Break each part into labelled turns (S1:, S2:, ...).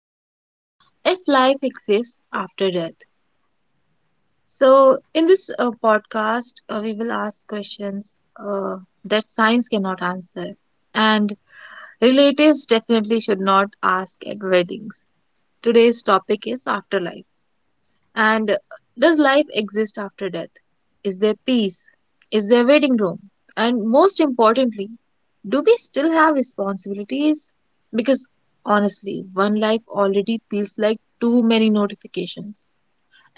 S1: is if life exists after death. So, in this podcast, we will ask questions that science cannot answer, and relatives definitely should not ask at weddings. Today's topic is afterlife. And does life exist after death? Is there peace? Is there waiting room? And most importantly, do we still have responsibilities? Because honestly, one life already feels like too many notifications.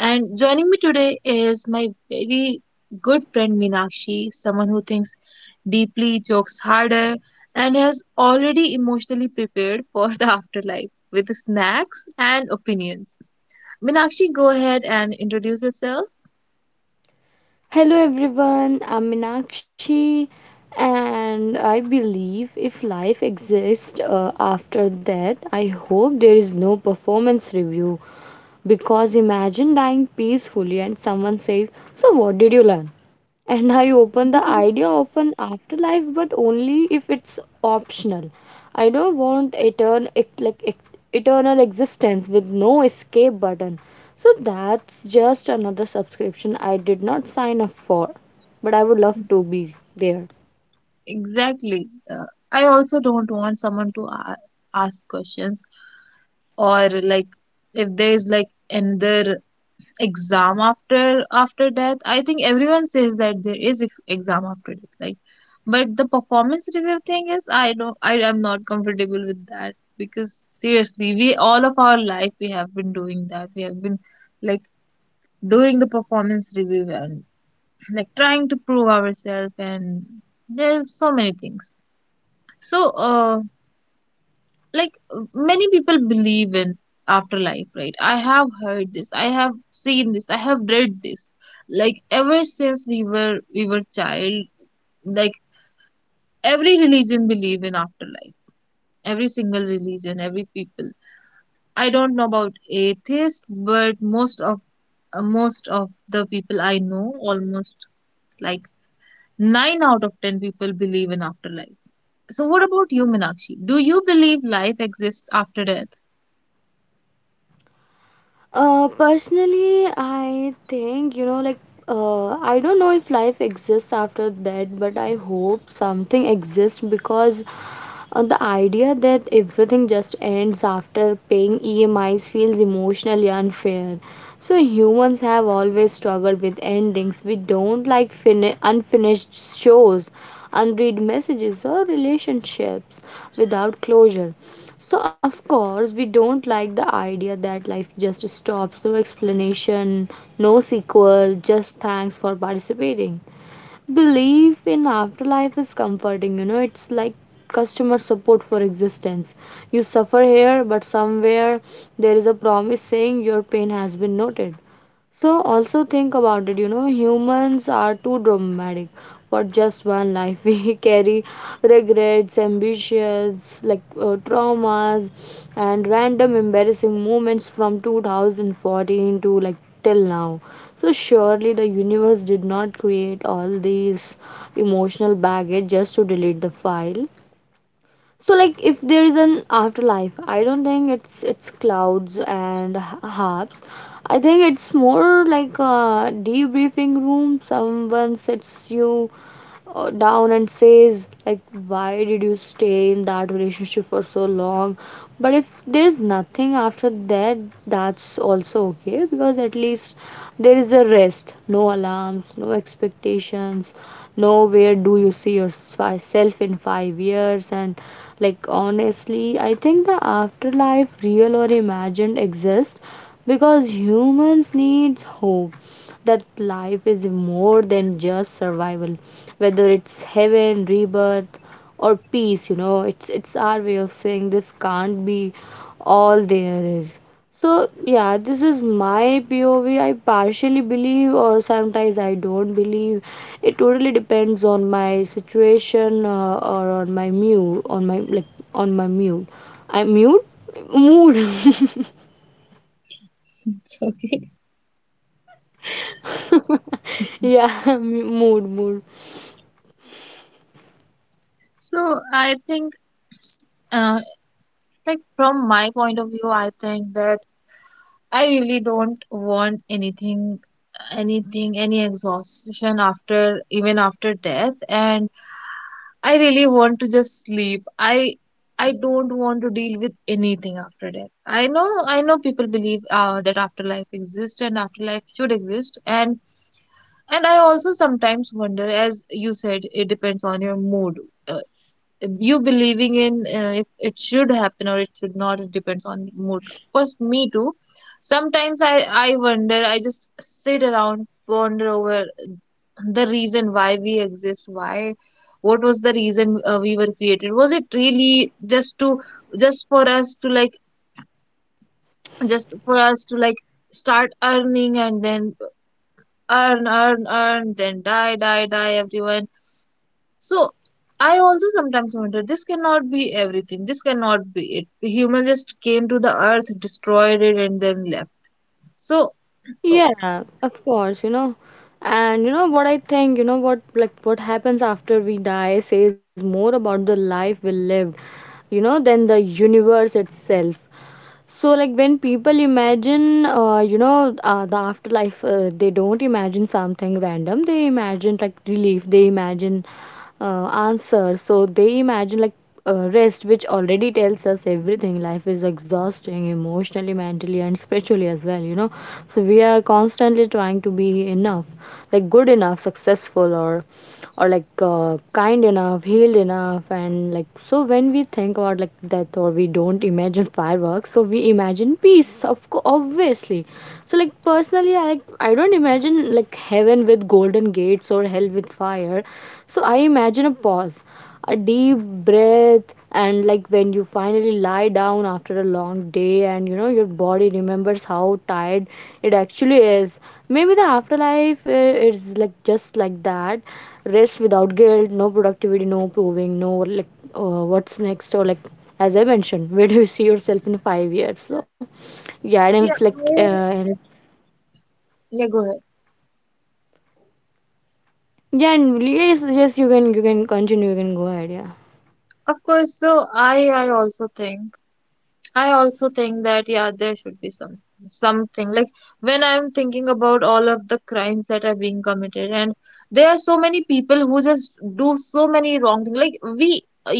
S1: And joining me today is my very good friend Meenakshi, someone who thinks deeply, jokes harder, and has already emotionally prepared for the afterlife with snacks and opinions. Meenakshi, go ahead and introduce yourself.
S2: Hello everyone, I'm Minakshi, and I believe if life exists after that, I hope there is no performance review. Because imagine dying peacefully and someone says, so, what did you learn? And I open the idea of an afterlife, but only if it's optional. I don't want eternal existence with no escape button. So that's just another subscription I did not sign up for, but I would love to be there.
S1: Exactly. I also don't want someone to a ask questions, or like if there is like another exam after death. I think everyone says that there is ex exam after death, like, but the performance review thing is, I am not comfortable with that, because seriously, we, all of our life, we have been doing that. We have been like doing the performance review and like trying to prove ourselves, and there's so many things. So like, many people believe in afterlife, right? I have heard this, I have seen this, I have read this, like ever since we were, we were child. Like every religion believe in afterlife, every single religion, every people. I don't know about atheists, but most of, most of the people I know, almost like 9 out of 10 people believe in afterlife. So, what about you, Minakshi? Do you believe life exists after death?
S2: Personally, I think, you know, like, I don't know if life exists after that, but I hope something exists because the idea that everything just ends after paying EMIs feels emotionally unfair. So humans have always struggled with endings. We don't like unfinished shows, unread messages, or relationships without closure. So of course we don't like the idea that life just stops, no explanation, no sequel, just thanks for participating. Belief in afterlife is comforting, you know, it's like customer support for existence. You suffer here, but somewhere there is a promise saying your pain has been noted. So also think about it, you know, humans are too dramatic for just one life. We carry regrets, ambitions, like traumas, and random embarrassing moments from 2014 to, like, till now. So, surely the universe did not create all these emotional baggage just to delete the file. So, like, if there is an afterlife, I don't think it's clouds and harps. I think it's more like a debriefing room. Someone sits you down and says, like, why did you stay in that relationship for so long? But if there's nothing after that, that's also okay because at least there is a rest. No alarms, no expectations, no where do you see yourself in 5 years. And like, honestly, I think the afterlife, real or imagined, exists because humans needs hope that life is more than just survival. Whether it's heaven, rebirth, or peace, you know, it's our way of saying this can't be all there is. So yeah, this is my POV. I partially believe, or sometimes I don't believe. It totally depends on my situation, or on my mood, on my like on my mood. I mute mood.
S1: It's okay.
S2: Yeah, mood mood.
S1: So, I think, uh, like from my point of view, I think that I really don't want anything, anything, any exhaustion after, even after death, and I really want to just sleep. I don't want to deal with anything after death. I know people believe that afterlife exists and afterlife should exist. And I also sometimes wonder, as you said, it depends on your mood. Uh, you believing in if it should happen or it should not, it depends on mood. Of course, me too. Sometimes I wonder, I just sit around, ponder over the reason why we exist, why, what was the reason we were created? Was it really just to, just for us to like, just for us to like start earning and then earn, earn, earn, then die, die, die, everyone. So I also sometimes wonder, this cannot be everything. This cannot be it. The human just came to the earth, destroyed it, and then left. So oh,
S2: Yeah, of course, you know. And you know what I think, you know what, like, what happens after we die says more about the life we lived, you know, than the universe itself. So, like, when people imagine, you know, the afterlife, they don't imagine something random. They imagine like relief. They imagine answer. So they imagine like rest, which already tells us everything. Life is exhausting emotionally, mentally, and spiritually as well. You know, so we are constantly trying to be enough, like good enough, successful, or like kind enough, healed enough, and like so when we think about like death or we don't imagine fireworks, so we imagine peace, obviously. So like personally, I like I don't imagine like heaven with golden gates or hell with fire. So I imagine a pause, a deep breath, and like when you finally lie down after a long day and you know your body remembers how tired it actually is. Maybe the afterlife is like just like that, rest without guilt, no productivity, no proving, no like what's next, or like as I mentioned, where do you see yourself in 5 years. So yeah, and if
S1: yeah,
S2: like and
S1: yeah, go ahead.
S2: yeah, and yes, yes, you can, you can continue, you can go ahead, yeah.
S1: Of course, so I also think, I also think that yeah, there should be some something like, when I'm thinking about all of the crimes that are being committed, and there are so many people who just do so many wrong things. Like we,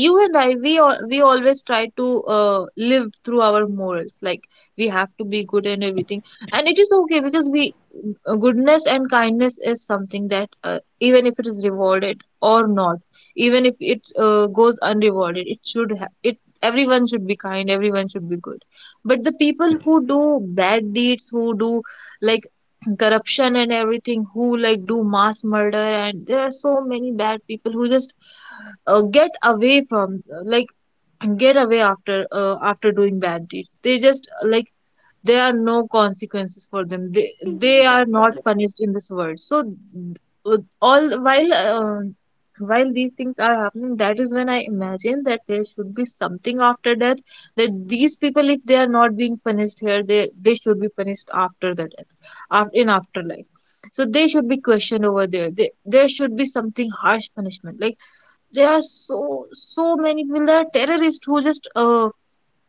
S1: you and I, we we always try to live through our morals. Like we have to be good and everything, and it is okay because we, goodness and kindness is something that even if it is rewarded or not, even if it goes unrewarded, it should ha- it everyone should be kind, everyone should be good. But the people who do bad deeds, who do like corruption and everything, who like do mass murder, and there are so many bad people who just get away from like get away after after doing bad deeds, they just like, there are no consequences for them. They are not punished in this world. So uh, all while these things are happening, that is when I imagine that there should be something after death, that these people, if they are not being punished here, they should be punished after the death, after, in afterlife. So they should be questioned over there. There should be something, harsh punishment, like there are so many people, there are terrorists who just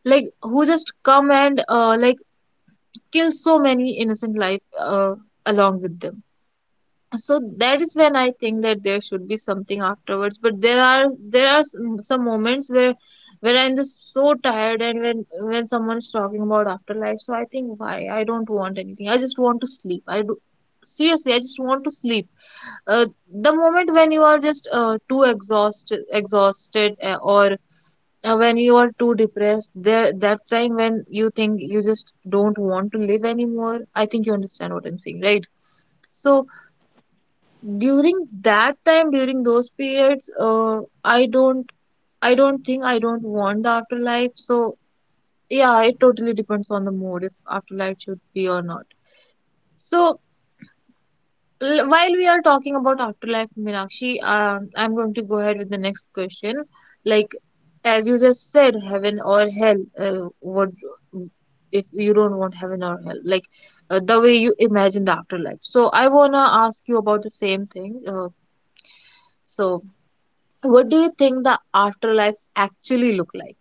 S1: like who just come and like kill so many innocent life, along with them. So that is when I think that there should be something afterwards. But there are, there are some moments where I'm just so tired, and when someone's talking about afterlife, so I think why, I don't want anything, I just want to sleep. I do, seriously, I just want to sleep. uh, the moment when you are just too exhausted, or when you are too depressed, there, that time when you think you just don't want to live anymore. I think you understand what I'm saying, right? So during that time, during those periods, i don't I don't think, I don't want the afterlife. So yeah, it totally depends on the mood if afterlife should be or not. So while we are talking about afterlife, Meenakshi, I'm going to go ahead with the next question. Like, as you just said, heaven or hell, what if you don't want heaven or hell? Like, the way you imagine the afterlife. So, I wanna ask you about the same thing. So, what do you think the afterlife actually look like?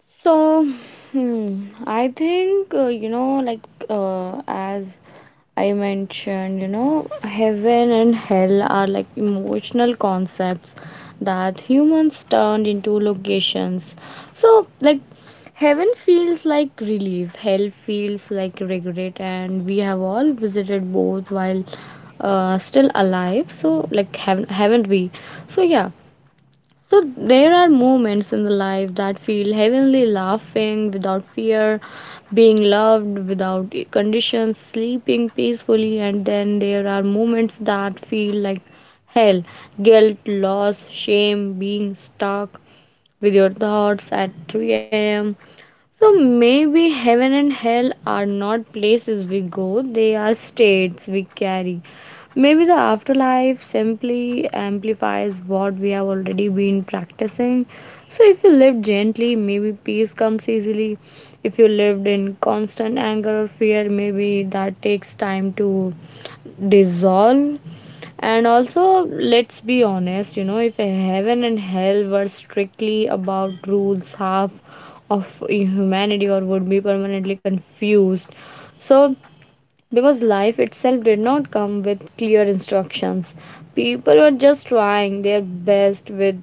S2: So, hmm, I think, you know, like as I mentioned, you know, heaven and hell are like emotional concepts that humans turned into locations. So, like, heaven feels like relief, hell feels like regret, and we have all visited both while still alive. So, like, haven't we? So, yeah. So there are moments in the life that feel heavenly, laughing without fear, being loved without conditions, sleeping peacefully, and then there are moments that feel like hell, guilt, loss, shame, being stuck with your thoughts at 3 a.m. So maybe heaven and hell are not places we go, they are states we carry. Maybe the afterlife simply amplifies what we have already been practicing. So, if you live gently, maybe peace comes easily. If you lived in constant anger or fear, maybe that takes time to dissolve. And also, let's be honest, you know, if heaven and hell were strictly about rules, half of humanity or would be permanently confused. So, because life itself did not come with clear instructions, people were just trying their best with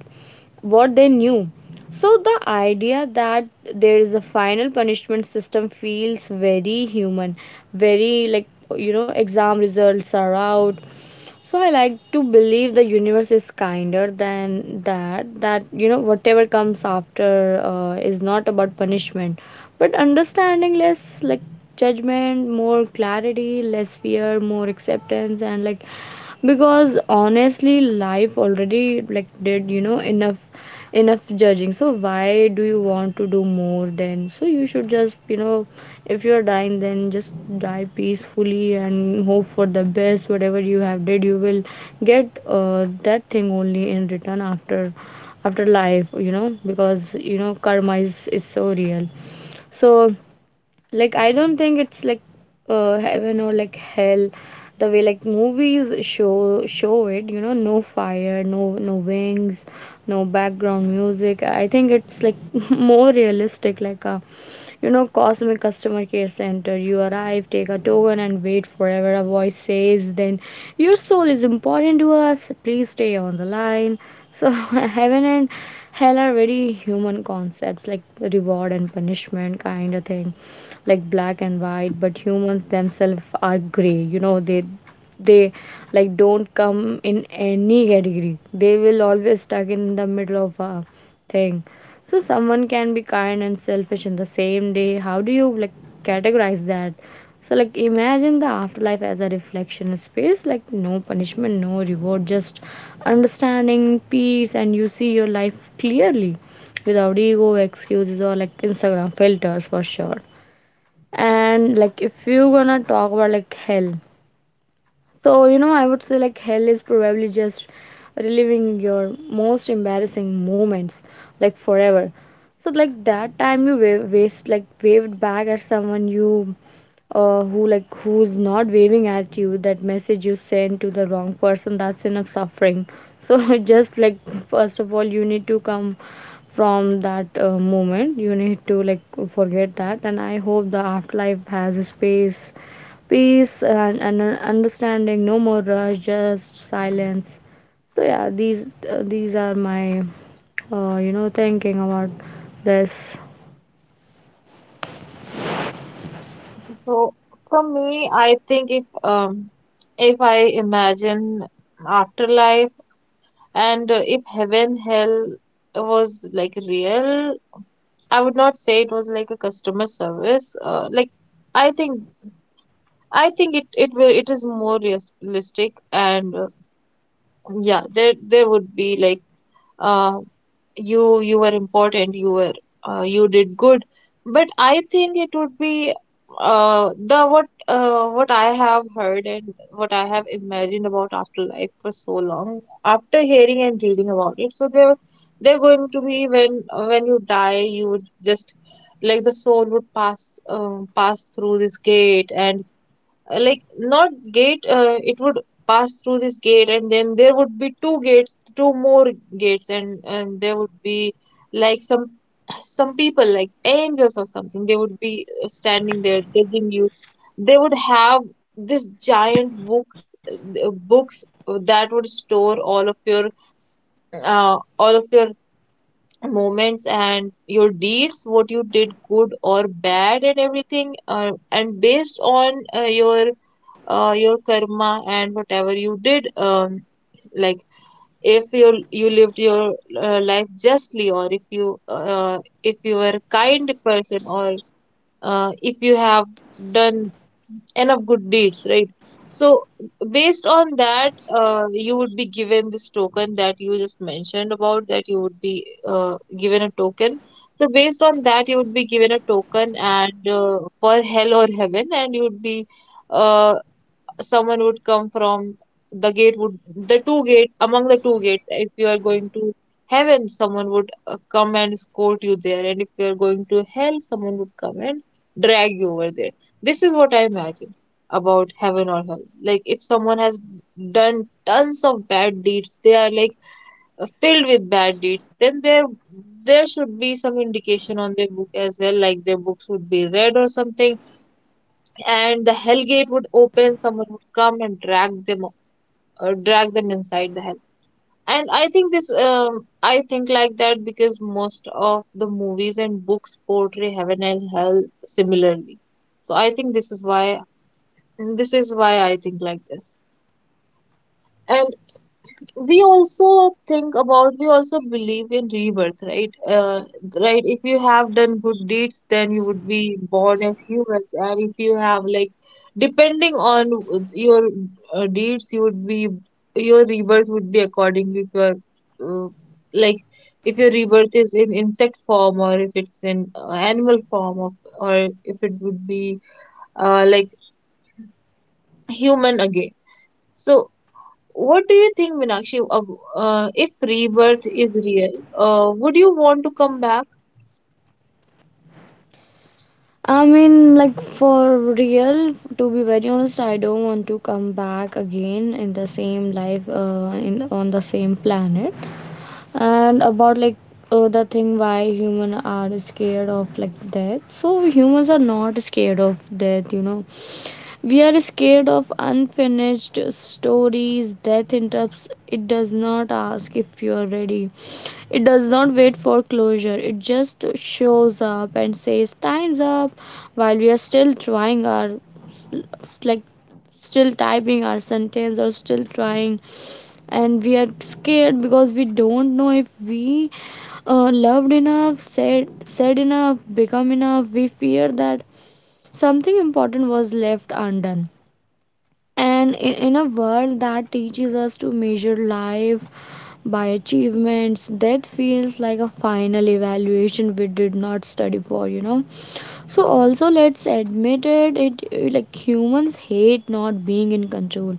S2: what they knew. So, the idea that there is a final punishment system feels very human, very like, you know, exam results are out. So I like to believe the universe is kinder than that. That, you know, whatever comes after is not about punishment, but understanding, less like judgment, more clarity, less fear, more acceptance, and like because honestly life already like did, you know, enough enough judging, so why do you want to do more then? So you should just, you know, if you're dying then just die peacefully and hope for the best, whatever you have did you will get that thing only in return after after life, you know, because you know karma is so real. So like I don't think it's like heaven or like hell the way like movies show it, you know. No fire, no no wings, no background music. I think it's like more realistic, like a, you know, cosmic customer care center. You arrive, take a token, and wait forever. A voice says then your soul is important to us, please stay on the line. So heaven and hell are very human concepts, like reward and punishment kind of thing, like black and white, but humans themselves are gray, you know. They like don't come in any category, they will always stuck in the middle of a thing. So someone can be kind and selfish in the same day, how do you like categorize that? So like imagine the afterlife as a reflection space, like no punishment, no reward, just understanding peace, and you see your life clearly without ego, excuses, or like Instagram filters for sure. And like if you gonna talk about like hell, so, you know, I would say like hell is probably just reliving your most embarrassing moments like forever. So, like, that time you wa- waste like waved back at someone you who like who's not waving at you, that message you send to the wrong person, that's enough suffering. So just like first of all you need to come from that moment, you need to like forget that, and I hope the afterlife has a space, peace, and understanding, no more rush, just silence. So yeah, these are my you know thinking about this.
S1: So for me, I think, if I imagine afterlife. And if heaven, hell was like real, I would not say it was like a customer service. Like I think, I think it will it is more realistic, and yeah, there would be like, uh you, you were important, you were, you did good. But I think it would be, the what, what I have heard and what I have imagined about afterlife for so long after hearing and reading about it. So they're going to be, when you die, you would just like, the soul would pass, pass through this gate, and like, not gate, it would pass through this gate, and then there would be two gates, two more gates, and there would be like some people like angels or something. They would be standing there judging you. They would have this giant books that would store all of your, all of your moments and your deeds, what you did, good or bad and everything, and based on your, your karma and whatever you did, like, if you lived your life justly, or if you were a kind person, or if you have done enough good deeds, right? So based on that, you would be given this token that you just mentioned about, that you would be given a token. So based on that, you would be given a token, and for hell or heaven, and you would be, uh, someone would come from the gate, would, the two gate, among the two gate, if you are going to heaven, someone would come and escort you there, and if you are going to hell, someone would come and drag you over there. This is what I imagine about heaven or hell. Like if someone has done tons of bad deeds, they are like filled with bad deeds, then there should be some indication on their book as well, like their books would be red or something, and the hell gate would open, someone would come and drag them, drag them inside the hell. And I think this, I think like that because most of the movies and books portray heaven and hell similarly. So I think this is why, this is why I think like this. And we also think about, we also believe in rebirth, right? Right, if you have done good deeds, then you would be born as humans. And if you have like, depending on your, deeds, you would be, your rebirth would be accordingly. If you're, uh, like, if your rebirth is in insect form, or if it's in animal form of, or if it would be like human again. So what do you think, Meenakshi, of, if rebirth is real, would you want to come back?
S2: I mean, like, for real, to be very honest, I don't want to come back again in the same life, in on the same planet. And about like the thing why humans are scared of like death, so humans are not scared of death, you know. We are scared of unfinished stories. Death interrupts. It does not ask if you are ready. It does not wait for closure. It just shows up and says, time's up, while we are still trying our, like, still typing our sentence or still trying. And we are scared because we don't know if we loved enough, said enough, become enough. We fear that something important was left undone, and in a world that teaches us to measure life by achievements, death feels like a final evaluation we did not study for, you know. So also let's admit it, like humans hate not being in control.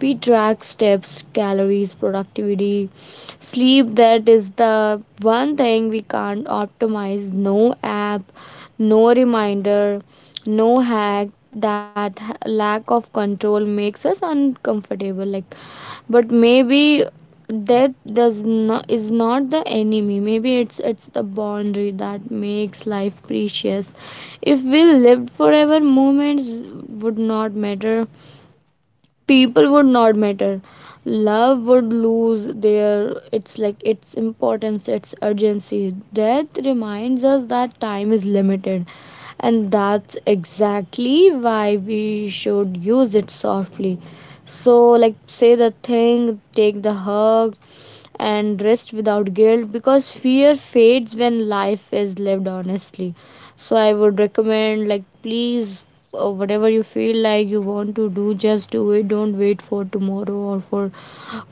S2: We track steps, calories, productivity, sleep. That is the one thing we can't optimize. No app, no reminder, no hack. that ha- Lack of control makes us uncomfortable, like, but maybe that does not is not the enemy. Maybe it's the boundary that makes life precious. If we lived forever, moments would not matter, people would not matter, love would lose their it's like its importance, its urgency. Death reminds us that time is limited, and that's exactly why we should use it softly. So, like, say the thing, take the hug, and rest without guilt because fear fades when life is lived honestly. So I would recommend, like, please whatever you feel like you want to do, just do it. Don't wait for tomorrow or for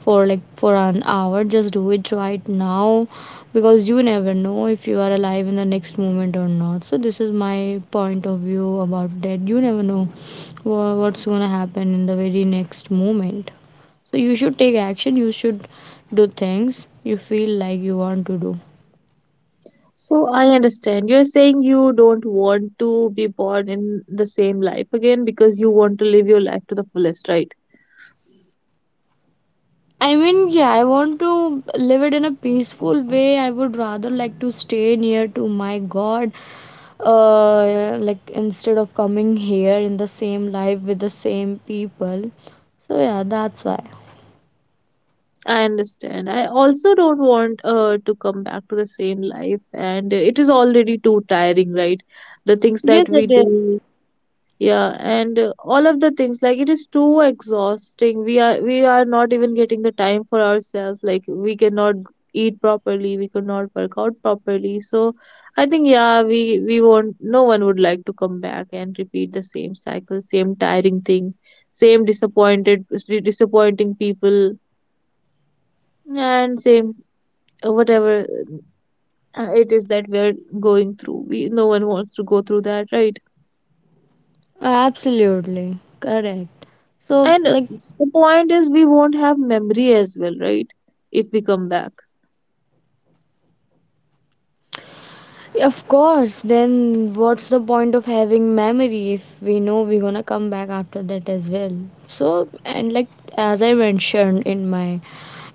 S2: for like for an hour. Just do it right now, because you never know if you are alive in the next moment or not. So this is my point of view about that. You never know what's going to happen in the very next moment. So you should take action, you should do things you feel like you want to do.
S1: So I understand. You're saying you don't want to be born in the same life again because you want to live your life to the fullest, right?
S2: I mean, yeah, I want to live it in a peaceful way. I would rather like to stay near to my God, like instead of coming here in the same life with the same people. So, yeah, that's why.
S1: I understand. I also don't want to come back to the same life, and it is already too tiring, right? The things that
S2: Yes,
S1: we
S2: it is.
S1: do. Yeah, and all of the things, like it is too exhausting. We are not even getting the time for ourselves. Like we cannot eat properly, we cannot work out properly. So I think yeah, we won't. No one would like to come back and repeat the same cycle, same tiring thing, same disappointed disappointing people, and same whatever it is that we're going through. We No one wants to go through that, right?
S2: Absolutely correct. So,
S1: And
S2: like,
S1: the point is, we won't have memory as well, right? If we come back.
S2: of course, then what's the point of having memory if we know we're gonna come back after that as well? So, and like, as I mentioned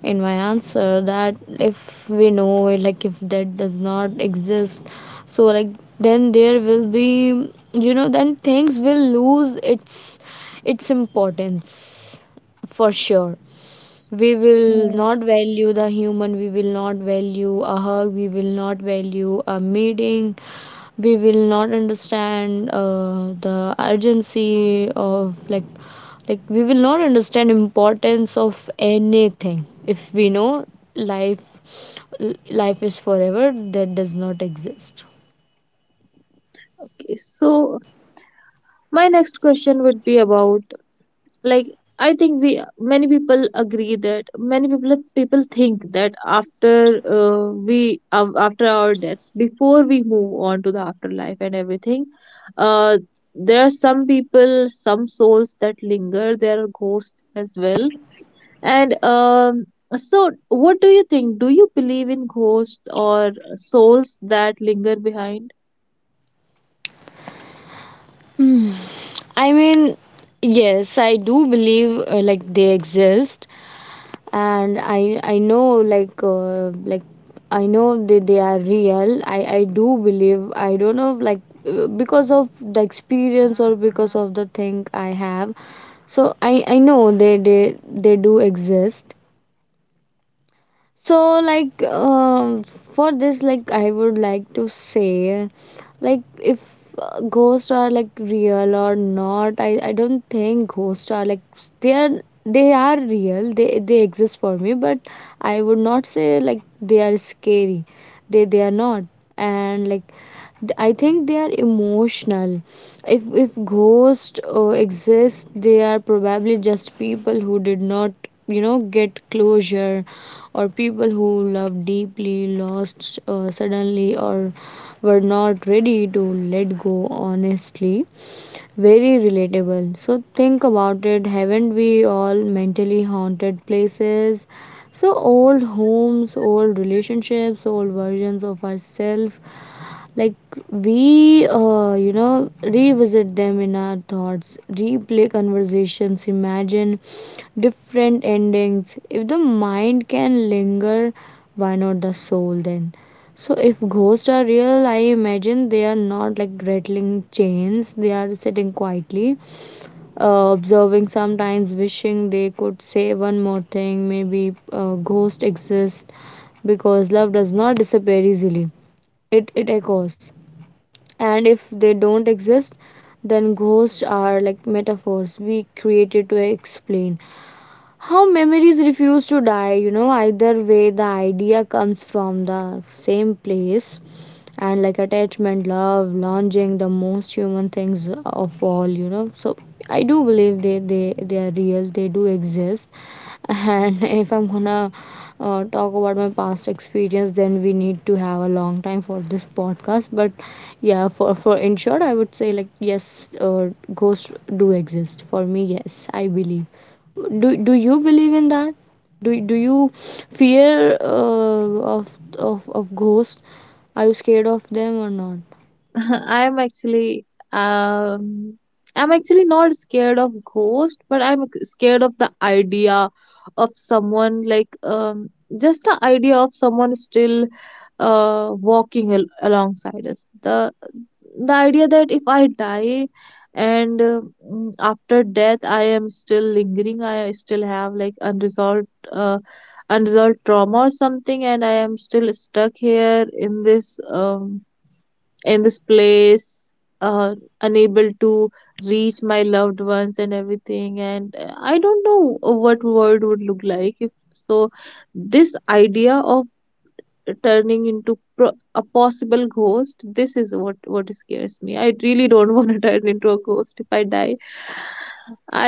S2: in my answer, that if we know, like, if that does not exist, so like, then there will be, you know, then things will lose its importance for sure. We will
S1: Hmm.
S2: not value the human, we will not value a hug, we will not value a meeting, we will not understand the urgency of like we will not understand importance of anything if we know life life is forever, that does not exist.
S1: Okay, so my next question would be about, like, I think we many people agree that many people think that after after our deaths, before we move on to the afterlife and everything, uh, there are some people, some souls that linger. There are ghosts as well. And So, what do you think? Do you believe in ghosts or souls that linger behind?
S2: Hmm. I mean, yes, I do believe, like they exist, and I know like, like I know they are real. I do believe. I don't know like because of the experience or because of the thing I have. So I know they they do exist. So like, for this, like, I would like to say, like, if ghosts are like real or not, I don't think ghosts are like they are, they are real, they exist for me. But I would not say like they are scary. They are not. And like, I think they are emotional. If ghosts exist, they are probably just people who did not, you know, get closure, or people who loved deeply, lost suddenly, or were not ready to let go honestly. Very relatable. So think about it, haven't we all mentally haunted places? So old homes, old relationships, old versions of ourselves. Like, we you know, revisit them in our thoughts, replay conversations, imagine different endings. If the mind can linger, why not the soul then? So if ghosts are real, I imagine they are not like rattling chains. They are sitting quietly, observing, sometimes wishing they could say one more thing. Maybe ghost exists because love does not disappear easily. It echoes. And if they don't exist, then ghosts are like metaphors we created to explain how memories refuse to die, you know. Either way, the idea comes from the same place. And like, attachment, love, longing, the most human things of all, you know. So I do believe they they are real, they do exist. And if I'm gonna talk about my past experience, then we need to have a long time for this podcast. But yeah, for in short, I would say like, yes, ghosts do exist for me. Yes, I believe. Do you believe in that? Do you fear of ghosts? Are you scared of them or not?
S1: I'm actually, um I'm actually not scared of ghost, but I'm scared of the idea of someone, like, just the idea of someone still walking alongside us. The idea that if I die and after death I am still lingering, I still have like unresolved unresolved trauma or something, and I am still stuck here in this, in this place, uh, unable to reach my loved ones and everything. And I don't know what world would look like if so. This idea of turning into a possible ghost, this is what scares me. I really don't want to turn into a ghost if I die.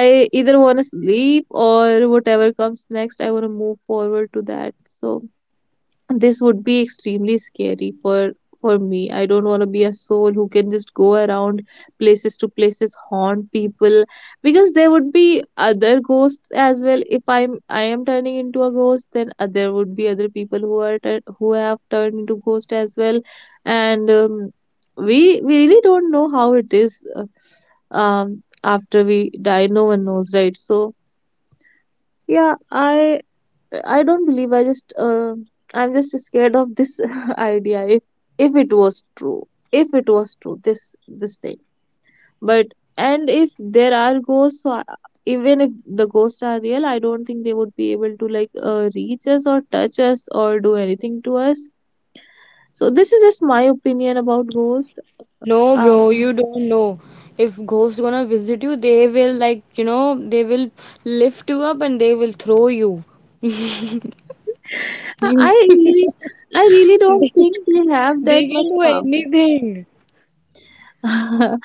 S1: I either want to sleep or whatever comes next. I want to move forward to that. So this would be extremely scary for me. I don't want to be a soul who can just go around places to places, haunt people, because there would be other ghosts as well. If I am turning into a ghost, then there would be other people who are who have turned into ghost as well. And we really don't know how it is, um, after we die. No one knows, right? So yeah, I don't believe. I just, I'm just scared of this idea. If if it was true, this thing. But and if there are ghosts, so even if the ghosts are real, I don't think they would be able to like reach us or touch us or do anything to us. So this is just my opinion about ghosts.
S2: No, bro,
S1: Um,
S2: you don't know. If ghosts gonna visit you, they will, like, you know, they will lift you up and they will throw you. You,
S1: I really, I really don't think they have that
S2: they can
S1: much
S2: do
S1: power.
S2: anything.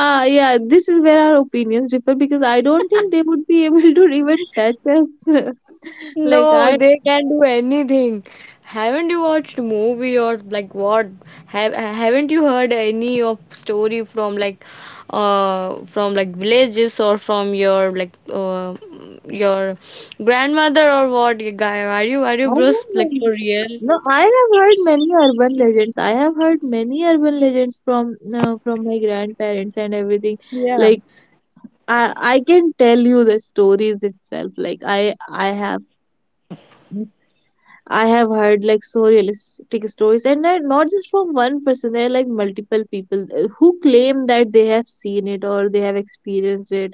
S1: Ah, yeah, this is where our opinions differ because I don't think they would be able to even touch us. Like
S2: No,
S1: I,
S2: they can do anything. Haven't you watched movie or like what? Haven't you heard any of story from like, uh, from like villages, or from your like, your grandmother, or what you guy? Are you
S1: I
S2: bros
S1: have
S2: like for
S1: heard,
S2: real?
S1: no, I have heard many urban legends. I have heard many urban legends from my grandparents and everything.
S2: Yeah.
S1: Like I can tell you the stories itself. I have heard like so realistic stories, and they're not just from one person. They're like multiple people who claim that they have seen it or they have experienced it,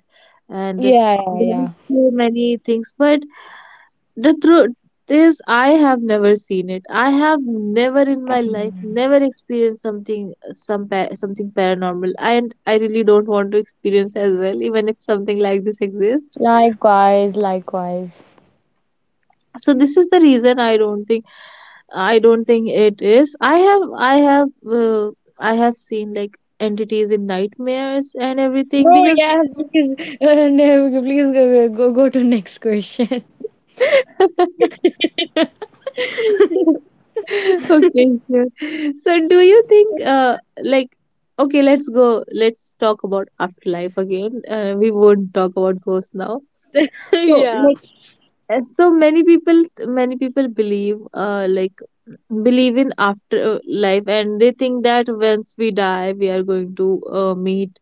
S1: and there
S2: Yeah, yeah,
S1: are
S2: yeah.
S1: so many things. But the truth is, I have never seen it. I have never in my life
S2: Um,
S1: never experienced something, something paranormal, and I really don't want to experience as well, even if something like this exists.
S2: likewise, likewise.
S1: So this is the reason I don't think it is. I have seen like entities in nightmares and everything
S2: No,
S1: because
S2: yeah, please, no, please go, go to next question.
S1: Okay, sure. So do you think like okay, let's go. Let's talk about afterlife again. We won't talk about ghosts now. So
S2: Yeah.
S1: like, uh, so many people believe believe in afterlife, and they think that once we die we are going to uh, meet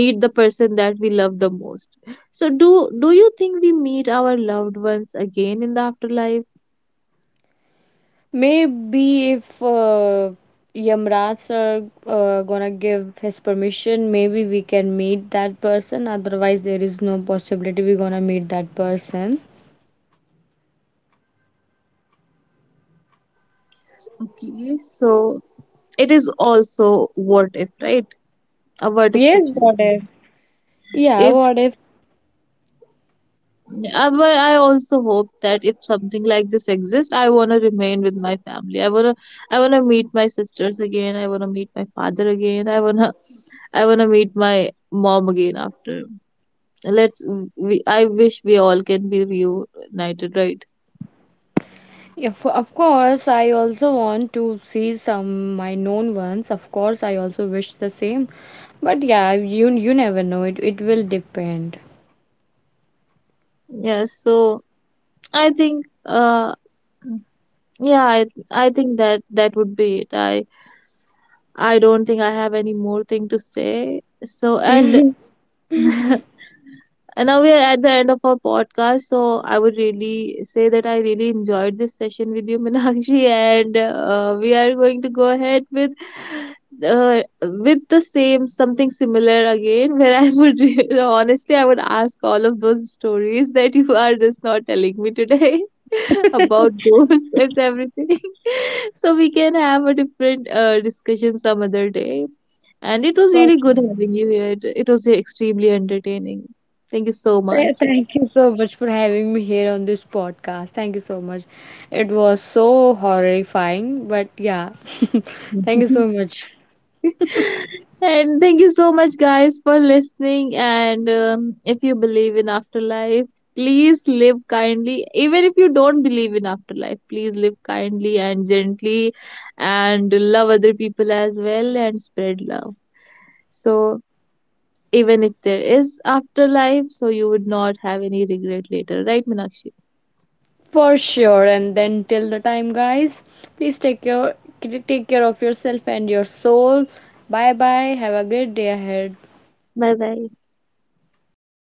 S1: meet the person that we love the most. So do you think we meet our loved ones again in the afterlife?
S2: Maybe if Yamraj sir gonna give his permission, maybe we can meet that person. Otherwise, there is no possibility we gonna meet that person.
S1: Okay, so it is also what if, right? A what if
S2: Yes, what if?
S1: situation.
S2: Yeah, what if?
S1: Yeah, but I also hope that if something like this exists, I want to remain with my family. I wanna meet my sisters again. I wanna meet my father again. I wanna meet my mom again after. Let's. I wish we all can be reunited, right?
S2: If of course, I also want to see some my known ones. Of course, I also wish the same. But yeah, you never know. It will depend.
S1: Yeah. So I think, yeah, I, I think that that would be it. I don't think I have any more thing to say. So and
S2: For
S1: And now we are at the end of our podcast. So I would really say that I really enjoyed this session with you, Minakshi, and we are going to go ahead with the same, something similar again. Where I would honestly, I would ask all of those stories that you are just not telling me today about ghosts and everything. So we can have a different discussion some other day. And it was
S2: sure.
S1: really good having you here. It was extremely entertaining. Thank you so much.
S2: Thank you so much for having me here on this podcast. Thank you so much. It was so horrifying, but yeah, thank you so much
S1: And thank you so much, guys, for listening. And if you believe in afterlife, please live kindly. Even if you don't believe in afterlife, please live kindly and gently and love other people as well and spread love. So, even if there is afterlife, so you would not have any regret later, right, Meenakshi?
S2: for sure. And then till the time, guys, please take your take care of yourself and your soul. Bye bye. Have a good day ahead.
S1: Bye bye.